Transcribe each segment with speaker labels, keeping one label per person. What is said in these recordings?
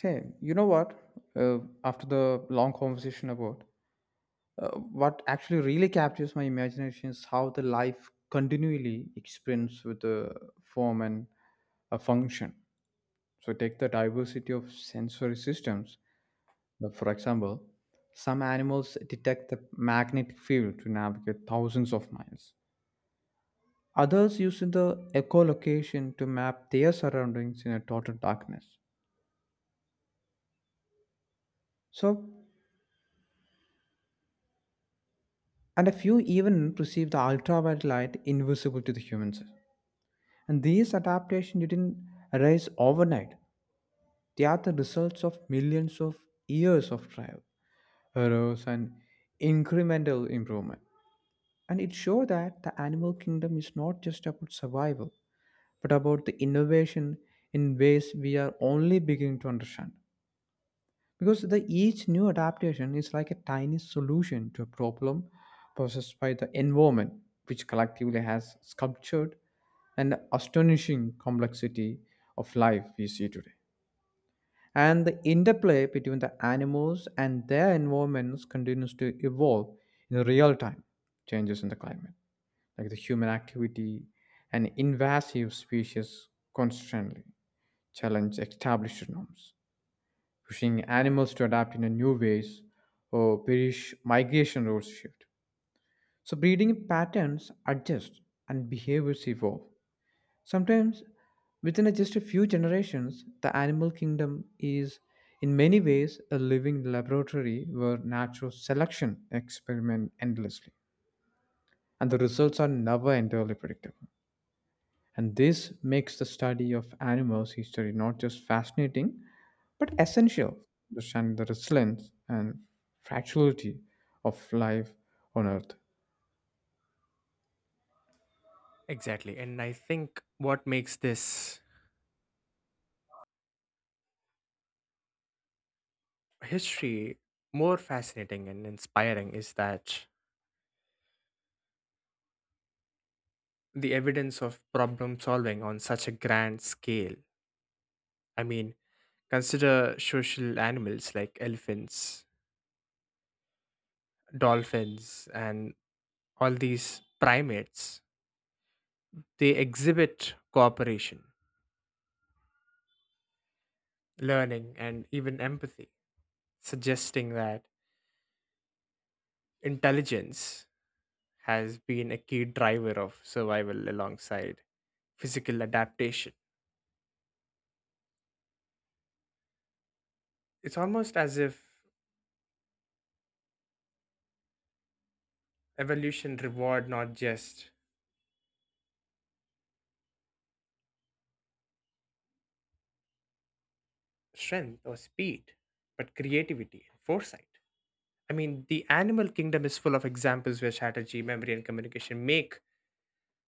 Speaker 1: Hey, you know what? Uh, After the long conversation about what actually really captures my imagination is how the life continually experiments with the form and a function. So take the diversity of sensory systems. For example, some animals detect the magnetic field to navigate thousands of miles. Others use the echolocation to map their surroundings in a total darkness. So and a few even perceive the ultraviolet light invisible to the humans. And these adaptations didn't arise overnight. They are the results of millions of years of trial, errors, and incremental improvement. And it shows that the animal kingdom is not just about survival, but about the innovation in ways we are only beginning to understand. Because the each new adaptation is like a tiny solution to a problem possessed by the environment, which collectively has sculptured an astonishing complexity of life we see today. And the interplay between the animals and their environments continues to evolve in real time. Changes in the climate, like the human activity and invasive species, constantly challenge established norms, pushing animals to adapt in a new ways or perish. Migration routes shift. So breeding patterns adjust and behaviors evolve. Sometimes within just a few generations, the animal kingdom is in many ways a living laboratory where natural selection experiment endlessly, and the results are never entirely predictable. And this makes the study of animals' history not just fascinating, but essential to understanding the resilience and fragility of life on Earth.
Speaker 2: Exactly. And I think what makes this history more fascinating and inspiring is that the evidence of problem solving on such a grand scale. I mean, consider social animals like elephants, dolphins, and all these primates. They exhibit cooperation, learning, and even empathy, suggesting that intelligence has been a key driver of survival alongside physical adaptation. It's almost as if evolution reward not just strength or speed, but creativity and foresight. The animal kingdom is full of examples where strategy, memory, and communication make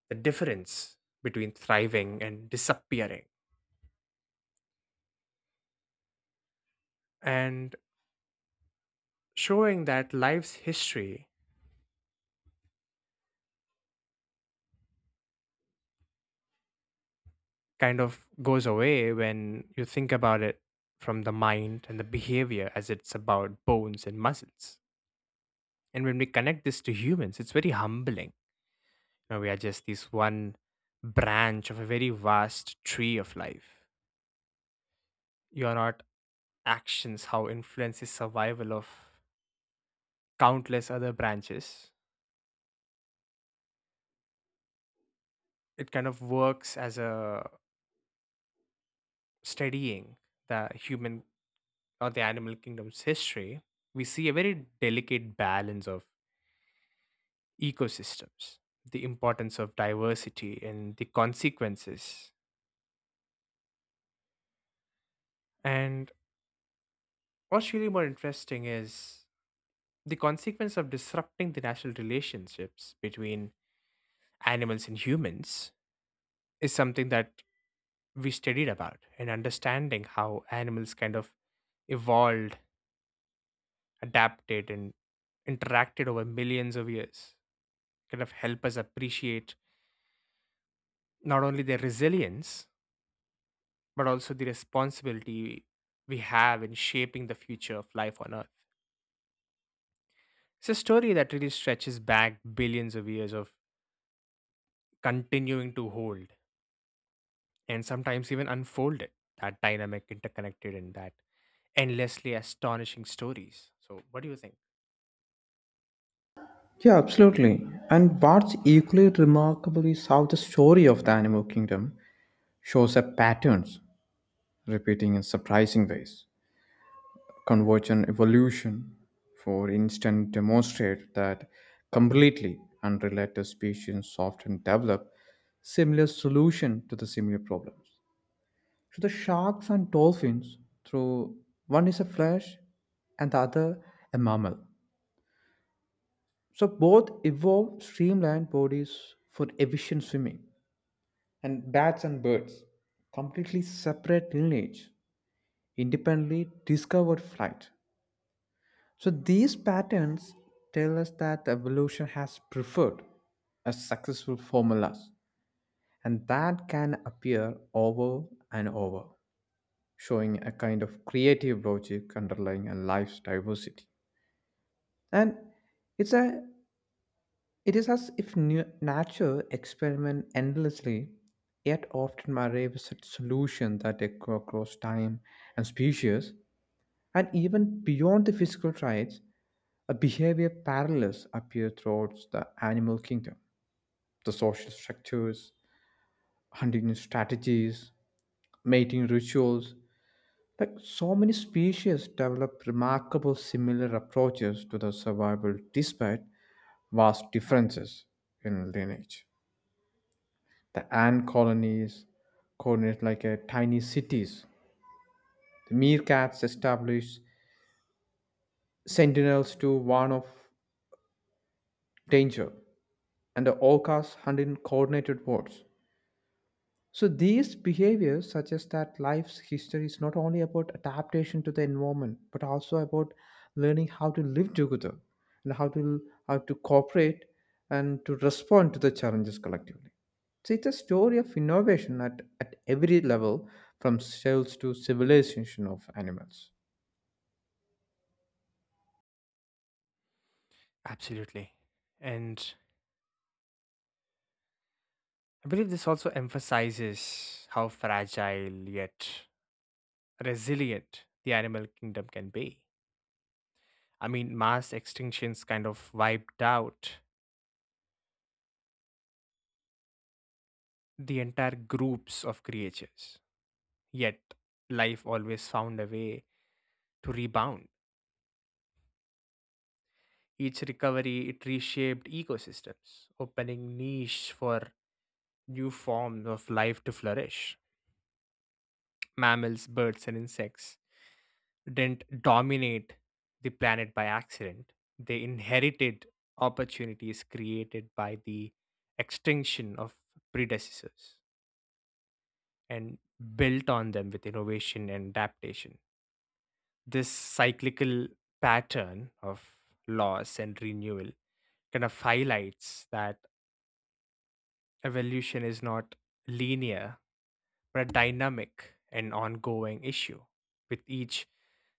Speaker 2: the difference between thriving and disappearing, and showing that life's history kind of goes away when you think about it from the mind and the behavior as it's about bones and muscles. And when we connect this to humans, it's very humbling. We are just this one branch of a very vast tree of life. Your not actions, how influences survival of countless other branches. It kind of works as a studying the human or the animal kingdom's history. We see a very delicate balance of ecosystems, the importance of diversity and the consequences. And what's really more interesting is the consequence of disrupting the natural relationships between animals and humans is something that we studied about in understanding how animals kind of evolved, adapted, and interacted over millions of years, kind of help us appreciate not only their resilience, but also the responsibility we have in shaping the future of life on Earth. It's a story that really stretches back billions of years of continuing to hold and sometimes even unfold it that dynamic interconnected and that endlessly astonishing stories. So what do you think?
Speaker 1: Yeah, absolutely. And what's equally remarkable is how the story of the animal kingdom shows up patterns repeating in surprising ways. Convergent evolution, for instance, demonstrate that completely unrelated species often develop similar solution to the similar problems. So the sharks and dolphins, through one is a flesh and the other a mammal. So both evolved streamlined bodies for efficient swimming, and bats and birds, completely separate lineage, independently discovered flight. So these patterns tell us that evolution has preferred a successful formulas, and that can appear over and over, showing a kind of creative logic underlying a life's diversity. And it's a it is as if nature experiment endlessly, yet often arrives at solution that echo across time and species. And even beyond the physical traits, a behavior parallels appear throughout the animal kingdom. The social structures, hunting strategies, mating rituals, like so many species develop remarkable similar approaches to the survival despite vast differences in lineage. The ant colonies coordinate like a tiny cities. The meerkats establish sentinels to warn of danger, and the orcas hunt in coordinated hordes. So these behaviors suggest that life's history is not only about adaptation to the environment, but also about learning how to live together and how to cooperate and to respond to the challenges collectively. So it's a story of innovation at every level, from cells to civilization of animals.
Speaker 2: Absolutely. And I believe this also emphasizes how fragile yet resilient the animal kingdom can be. Mass extinctions kind of wiped out the entire groups of creatures, yet life always found a way to rebound. Each recovery it reshaped ecosystems opening niche for new forms of life to flourish. Mammals, birds, and insects didn't dominate the planet by accident, they inherited opportunities created by the extinction of predecessors and built on them with innovation and adaptation. This cyclical pattern of loss and renewal kind of highlights that evolution is not linear but a dynamic and ongoing issue, with each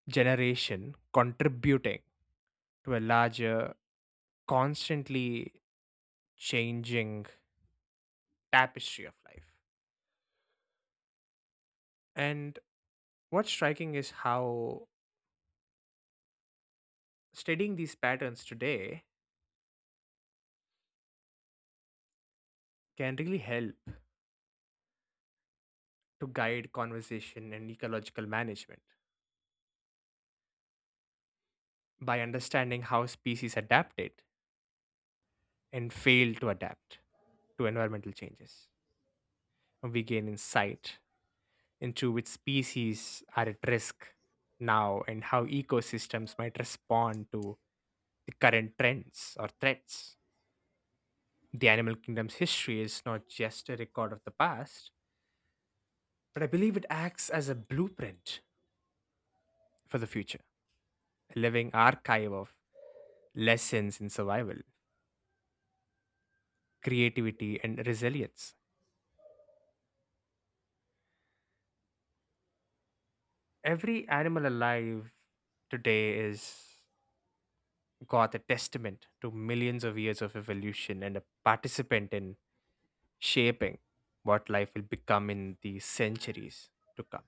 Speaker 2: generation contributing to a larger, constantly changing tapestry of life. And what's striking is how studying these patterns today can really help to guide conversation and ecological management by understanding how species adapted and failed to adapt to environmental changes. We gain insight into which species are at risk now and how ecosystems might respond to the current trends or threats. The animal kingdom's history is not just a record of the past, but I believe it acts as a blueprint for the future, a living archive of lessons in survival, creativity, and resilience. Every animal alive today is got a testament to millions of years of evolution and a participant in shaping what life will become in the centuries to come.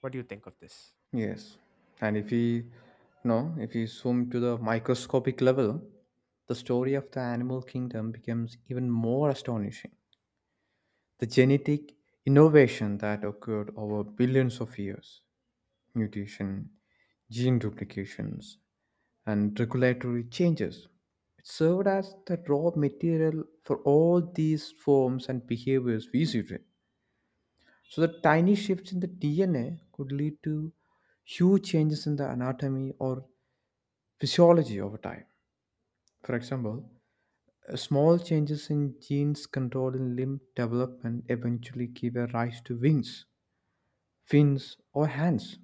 Speaker 2: What do you think of this?
Speaker 1: Yes, and if we no, if we zoom to the microscopic level, the story of the animal kingdom becomes even more astonishing. The genetic innovation that occurred over billions of years, mutation, gene duplications, and regulatory changes, it served as the raw material for all these forms and behaviors we see today. So, the tiny shifts in the DNA could lead to huge changes in the anatomy or physiology over time. For example, small changes in genes controlling limb development eventually give a rise to wings, fins, or hands.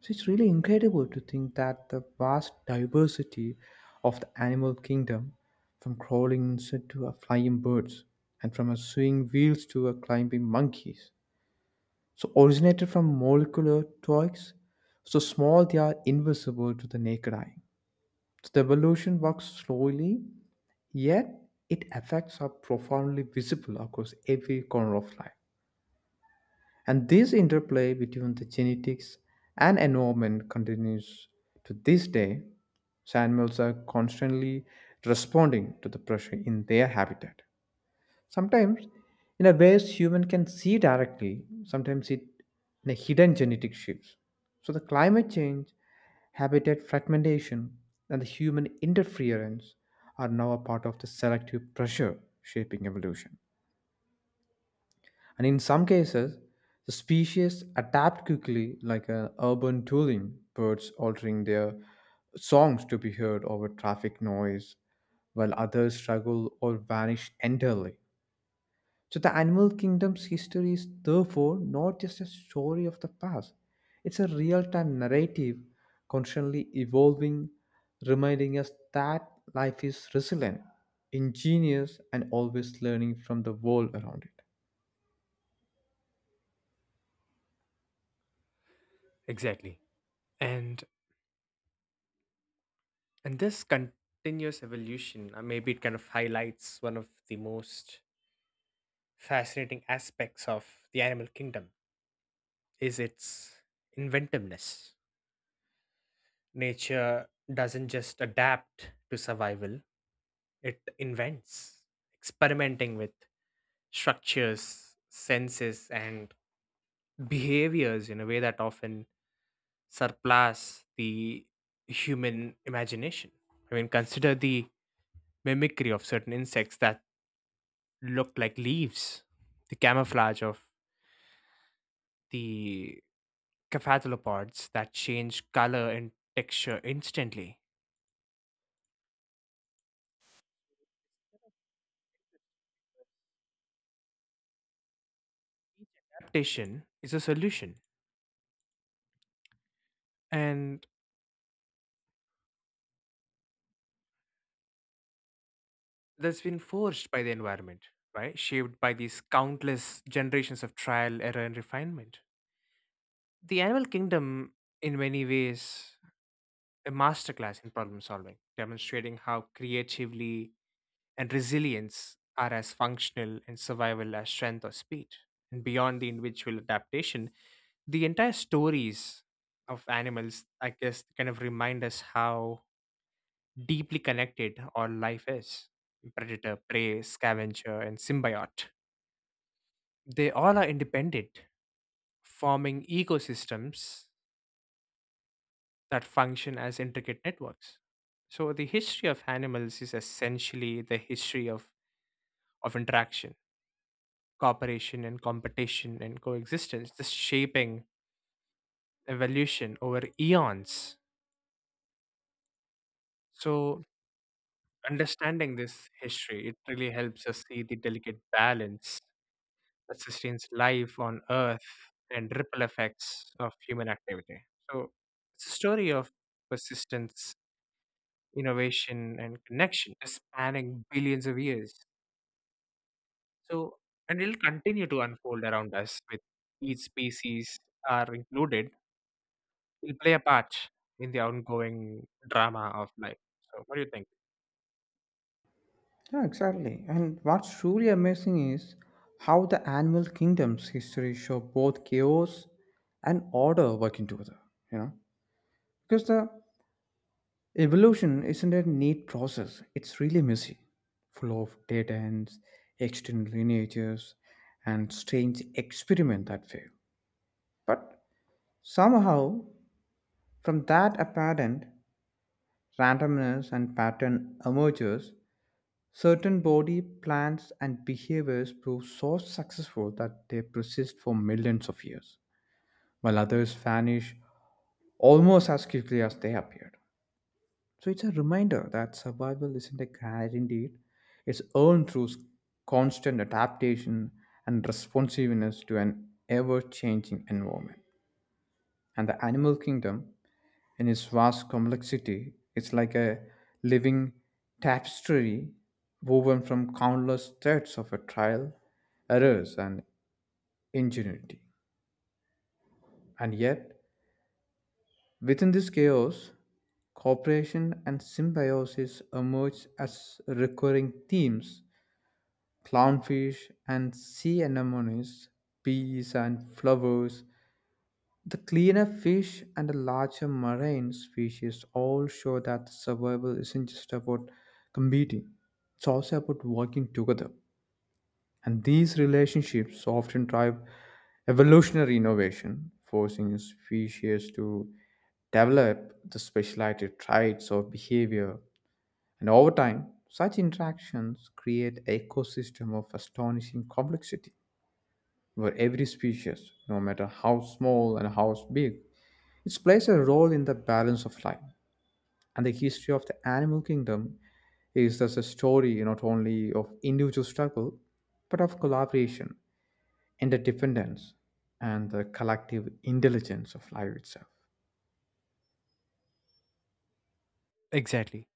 Speaker 1: So it's really incredible to think that the vast diversity of the animal kingdom, from crawling insects to a flying birds, and from a swinging wheels to a climbing monkeys, so originated from molecular toys, so small they are invisible to the naked eye. So the evolution works slowly, yet it affects are profoundly visible across every corner of life. And this interplay between the genetics and environment continues to this day. Animals are constantly responding to the pressure in their habitat. Sometimes, in a ways human can see directly, sometimes it in a hidden genetic shifts. So the climate change, habitat fragmentation, and the human interference are now a part of the selective pressure shaping evolution. And in some cases, the species adapt quickly, like urban tooling, birds altering their songs to be heard over traffic noise, while others struggle or vanish entirely. So, the animal kingdom's history is therefore not just a story of the past, it's a real time narrative constantly evolving, reminding us that life is resilient, ingenious, and always learning from the world around it.
Speaker 2: Exactly. And and this continuous evolution, maybe it kind of highlights one of the most fascinating aspects of the animal kingdom is its inventiveness. Nature doesn't just adapt to survival, it invents, experimenting with structures, senses and behaviors in a way that often surpass the human imagination. Consider the mimicry of certain insects that look like leaves, the camouflage of the cephalopods that change color and texture instantly. Adaptation is a solution, and that's been forged by the environment, right? Shaped by these countless generations of trial, error, and refinement. The animal kingdom, in many ways, a masterclass in problem solving, demonstrating how creatively and resilience are as functional in survival as strength or speed. And beyond the individual adaptation, the entire stories of animals, I guess, kind of remind us how deeply connected all life is, predator, prey, scavenger, and symbiote. They all are independent, forming ecosystems that function as intricate networks. So, the history of animals is essentially the history of interaction, cooperation, and competition and coexistence, the shaping evolution over eons. So, understanding this history, it really helps us see the delicate balance that sustains life on Earth and ripple effects of human activity. So, it's a story of persistence, innovation, and connection spanning billions of years. So, and it'll continue to unfold around us with each species are included, will play a part in the ongoing drama of life. So, what do you think?
Speaker 1: Yeah, exactly. And what's truly amazing is how the animal kingdom's history show both chaos and order working together, you know? Because the evolution isn't a neat process, it's really messy, full of dead ends, extended lineages, and strange experiments that fail. But somehow, from that apparent randomness and pattern emerges. Certain body plans and behaviors prove so successful that they persist for millions of years, while others vanish almost as quickly as they appeared. So it's a reminder that survival isn't a guaranteed, it's earned through constant adaptation and responsiveness to an ever changing environment. And the animal kingdom in its vast complexity. It's like a living tapestry woven from countless threads of a trial, errors, and ingenuity. And yet, within this chaos, cooperation and symbiosis emerge as recurring themes. Clownfish and sea anemones, bees and flowers, the cleaner fish and the larger marine species all show that survival isn't just about competing, it's also about working together. And these relationships often drive evolutionary innovation, forcing species to develop the specialized traits or behavior. And over time, such interactions create ecosystem of astonishing complexity, where every species, no matter how small and how big, it plays a role in the balance of life, and the history of the animal kingdom is thus a story not only of individual struggle, but of collaboration, interdependence, and the collective intelligence of life itself.
Speaker 2: Exactly.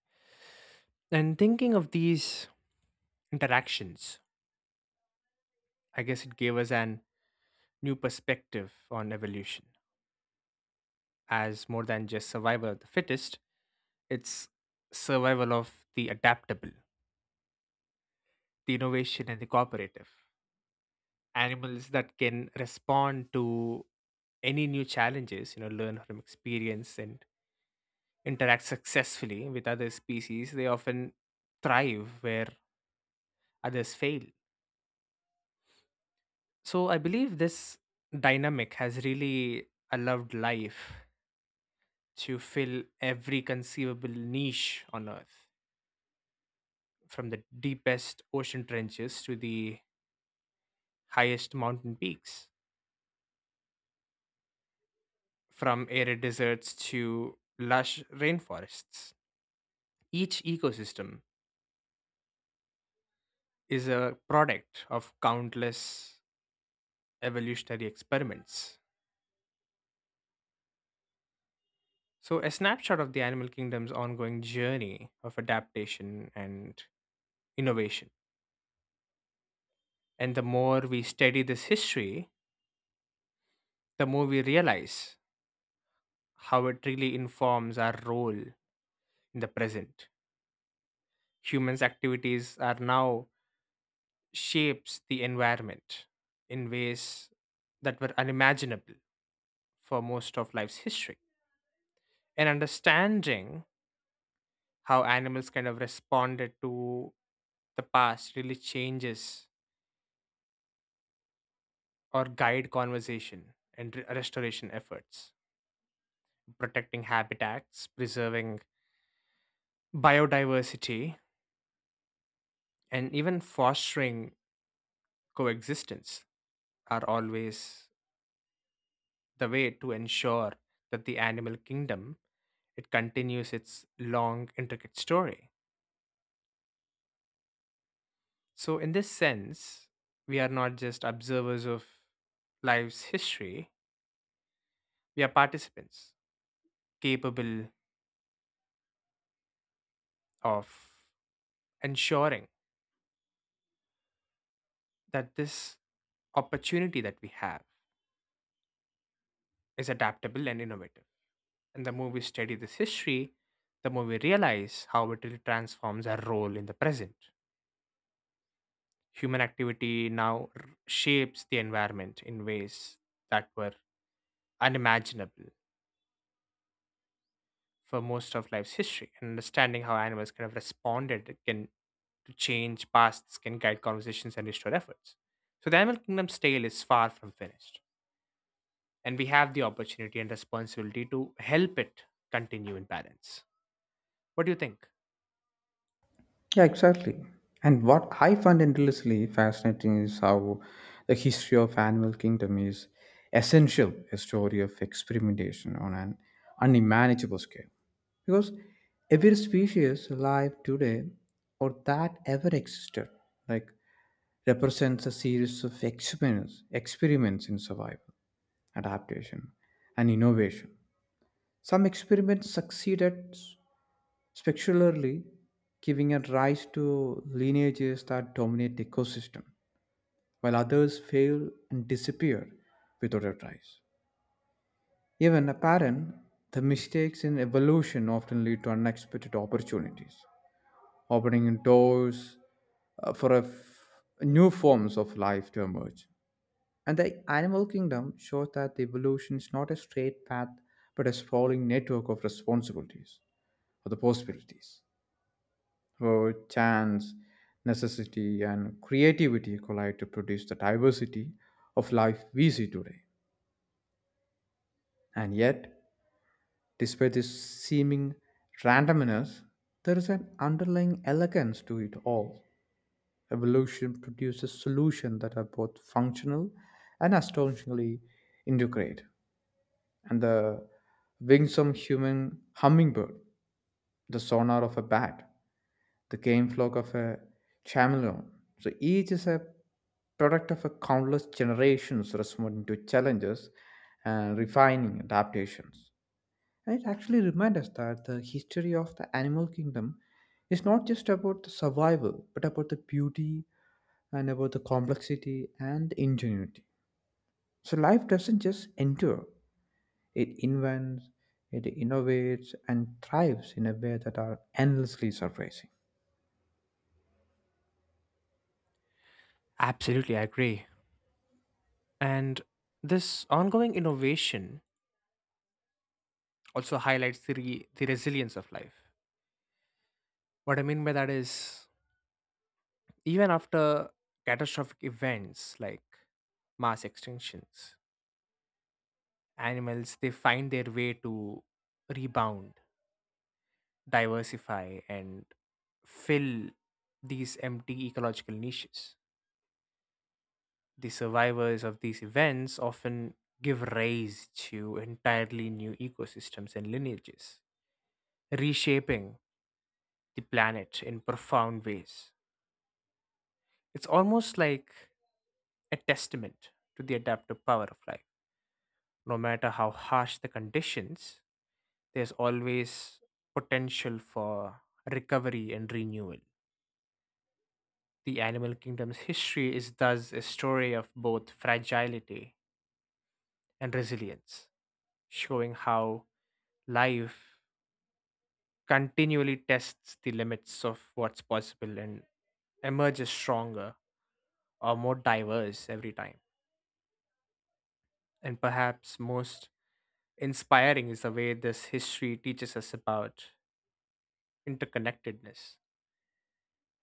Speaker 2: And thinking of these interactions, I guess it gave us an new perspective on evolution as more than just survival of the fittest, it's survival of the adaptable, the innovation, and the cooperative. Animals that can respond to any new challenges, you know, learn from experience and interact successfully with other species, they often thrive where others fail. So I believe this dynamic has really allowed life to fill every conceivable niche on Earth, from the deepest ocean trenches to the highest mountain peaks, from arid deserts to lush rainforests. Each ecosystem is a product of countless evolutionary experiments. So, a snapshot of the animal kingdom's ongoing journey of adaptation and innovation. And the more we study this history, the more we realize how it really informs our role in the present. Humans' activities are now shapes the environment in ways that were unimaginable for most of life's history. And understanding how animals kind of responded to the past really changes or guide conversation and restoration efforts, protecting habitats, preserving biodiversity, and even fostering coexistence are always the way to ensure that the animal kingdom it continues its long intricate story. So in this sense we are not just observers of life's history, we are participants capable of ensuring that this opportunity that we have is adaptable and innovative. And the more we study this history, the more we realize how it really transforms our role in the present. Human activity now shapes the environment in ways that were unimaginable for most of life's history. And understanding how animals kind of responded can to change pasts can guide conversations and restore efforts. So the animal kingdom's tale is far from finished, and we have the opportunity and responsibility to help it continue in balance. What do you think?
Speaker 1: Yeah, exactly. And what I find endlessly fascinating is how the history of animal kingdom is essential a story of experimentation on an unmanageable scale, because every species alive today or that ever existed like represents a series of experiments, experiments in survival, adaptation, and innovation. Some experiments succeeded spectacularly, giving a rise to lineages that dominate the ecosystem, while others fail and disappear without a trace. Even apparent the mistakes in evolution often lead to unexpected opportunities, opening doors for new forms of life to emerge. And the animal kingdom shows that the evolution is not a straight path, but a sprawling network of responsibilities or the possibilities. Where chance, necessity, and creativity collide to produce the diversity of life we see today. And yet, despite this seeming randomness, there is an underlying elegance to it all. Evolution produces solutions that are both functional and astonishingly integrate. And the wingsome human hummingbird, the sonar of a bat, the game flock of a chameleon. So each is a product of a countless generations responding to challenges and refining adaptations. And it actually reminds us that the history of the animal kingdom is not just about the survival, but about the beauty and about the complexity and ingenuity. So life doesn't just endure, it invents, it innovates, and thrives in a way that are endlessly surprising.
Speaker 2: Absolutely, I agree. And this ongoing innovation also highlights the, the resilience of life. What I mean by that is, even after catastrophic events like mass extinctions, animals they find their way to rebound, diversify, and fill these empty ecological niches. The survivors of these events often give rise to entirely new ecosystems and lineages, reshaping the planet in profound ways. It's almost like a testament to the adaptive power of life. No matter how harsh the conditions, there's always potential for recovery and renewal. The animal kingdom's history is thus a story of both fragility and resilience, showing how life continually tests the limits of what's possible and emerges stronger or more diverse every time. And perhaps most inspiring is the way this history teaches us about interconnectedness.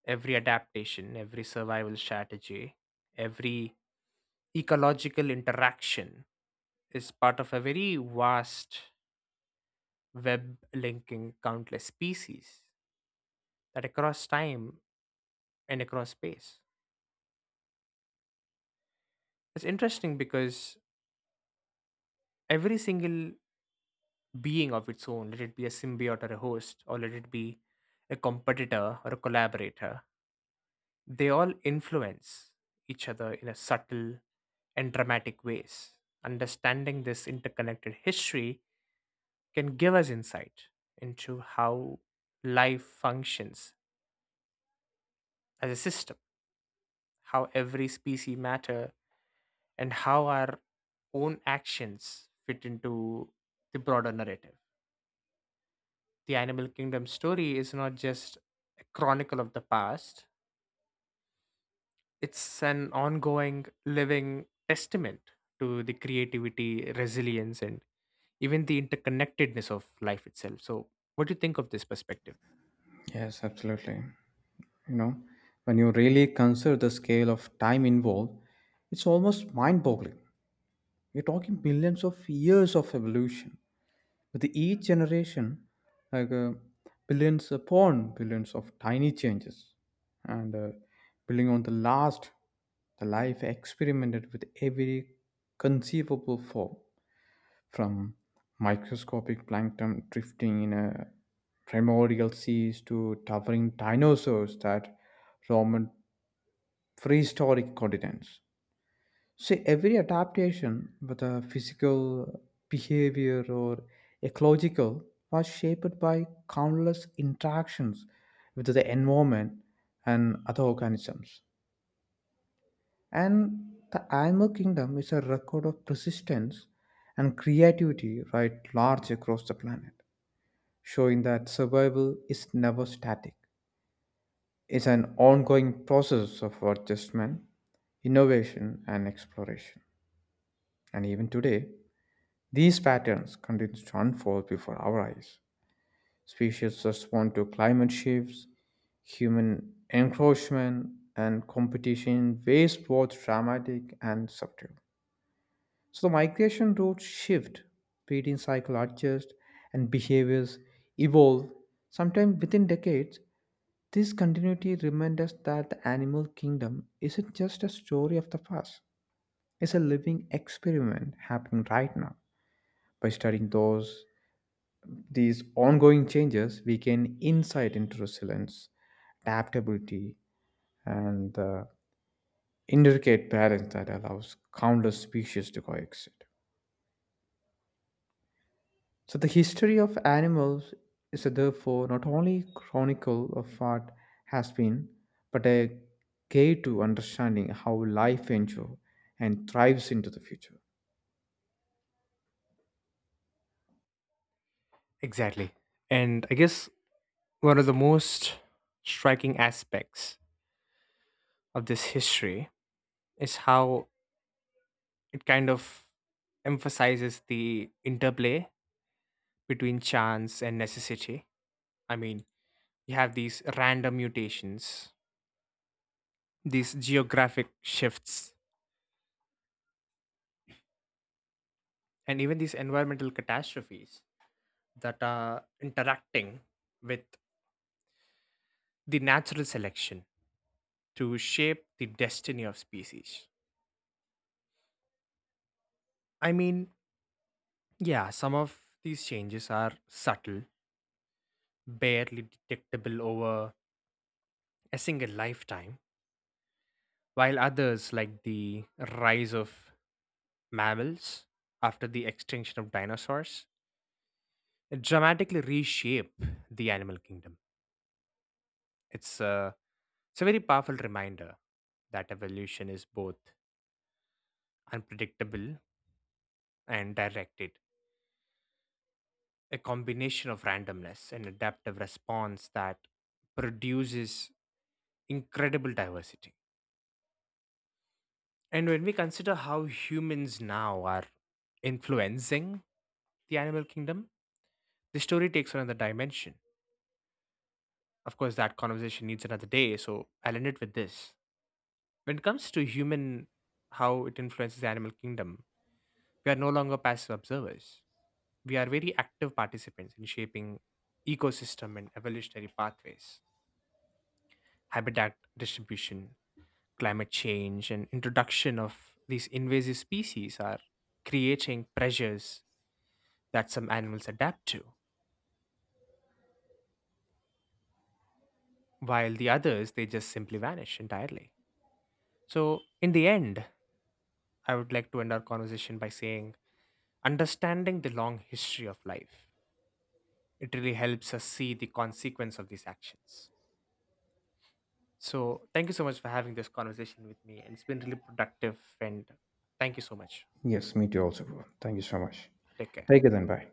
Speaker 2: Every adaptation, every survival strategy, every ecological interaction is part of a very vast web linking countless species that across time and across space. It's interesting because every single being of its own, let it be a symbiote or a host, or let it be a competitor or a collaborator, they all influence each other in a subtle and dramatic ways. Understanding this interconnected history can give us insight into how life functions as a system, how every species matter, and how our own actions fit into the broader narrative. The Animal Kingdom story is not just a chronicle of the past, it's an ongoing, living testament to the creativity, resilience, and even the interconnectedness of life itself. So, what do you think of this perspective?
Speaker 1: Yes, absolutely. You know, when you really consider the scale of time involved, it's almost mind boggling. We're talking millions of years of evolution with each generation like billions upon billions of tiny changes, and building on the last the life experimented with every conceivable form, from microscopic plankton drifting in a primordial seas to towering dinosaurs that roamed prehistoric continents. So every adaptation, whether physical, behavior, or ecological, was shaped by countless interactions with the environment and other organisms. And the animal kingdom is a record of persistence and creativity right large across the planet, showing that survival is never static. It's an ongoing process of adjustment, innovation, and exploration. And even today, these patterns continue to unfold before our eyes. Species respond to climate shifts, human encroachment, and competition in ways both dramatic and subtle. So the migration routes shift, breeding cycle adjust, and behaviors evolve, sometimes within decades. This continuity reminds us that the animal kingdom isn't just a story of the past, it's a living experiment happening right now. By studying those these ongoing changes, we gain insight into resilience, adaptability, and the intricate balance that allows countless species to coexist. So the history of animals is therefore not only chronicle of what has been, but a key to understanding how life endures and thrives into the future.
Speaker 2: Exactly. And I guess one of the most striking aspects of this history is how it kind of emphasizes the interplay between chance and necessity. I mean, you have these random mutations, these geographic shifts and even these environmental catastrophes that are interacting with the natural selection to shape the destiny of species. I mean, yeah, some of these changes are subtle, barely detectable over a single lifetime, while others, like the rise of mammals after the extinction of dinosaurs, dramatically reshape the animal kingdom. It's uh, It's a very powerful reminder that evolution is both unpredictable and directed, a combination of randomness and adaptive response that produces incredible diversity. And when we consider how humans now are influencing the animal kingdom, the story takes another dimension. Of course, that conversation needs another day, so I'll end it with this. When it comes to human, how it influences the animal kingdom, we are no longer passive observers, we are very active participants in shaping ecosystem and evolutionary pathways, habitat distribution, climate change, and introduction of these invasive species are creating pressures that some animals adapt to, while the others they just simply vanish entirely. So, in the end, I would like to end our conversation by saying understanding the long history of life. It really helps us see the consequence of these actions. So, thank you so much for having this conversation with me, and it's been really productive. And thank you so much.
Speaker 1: Yes, me too also, bro. Thank you so much.
Speaker 2: Take care.
Speaker 1: Take it then. Bye.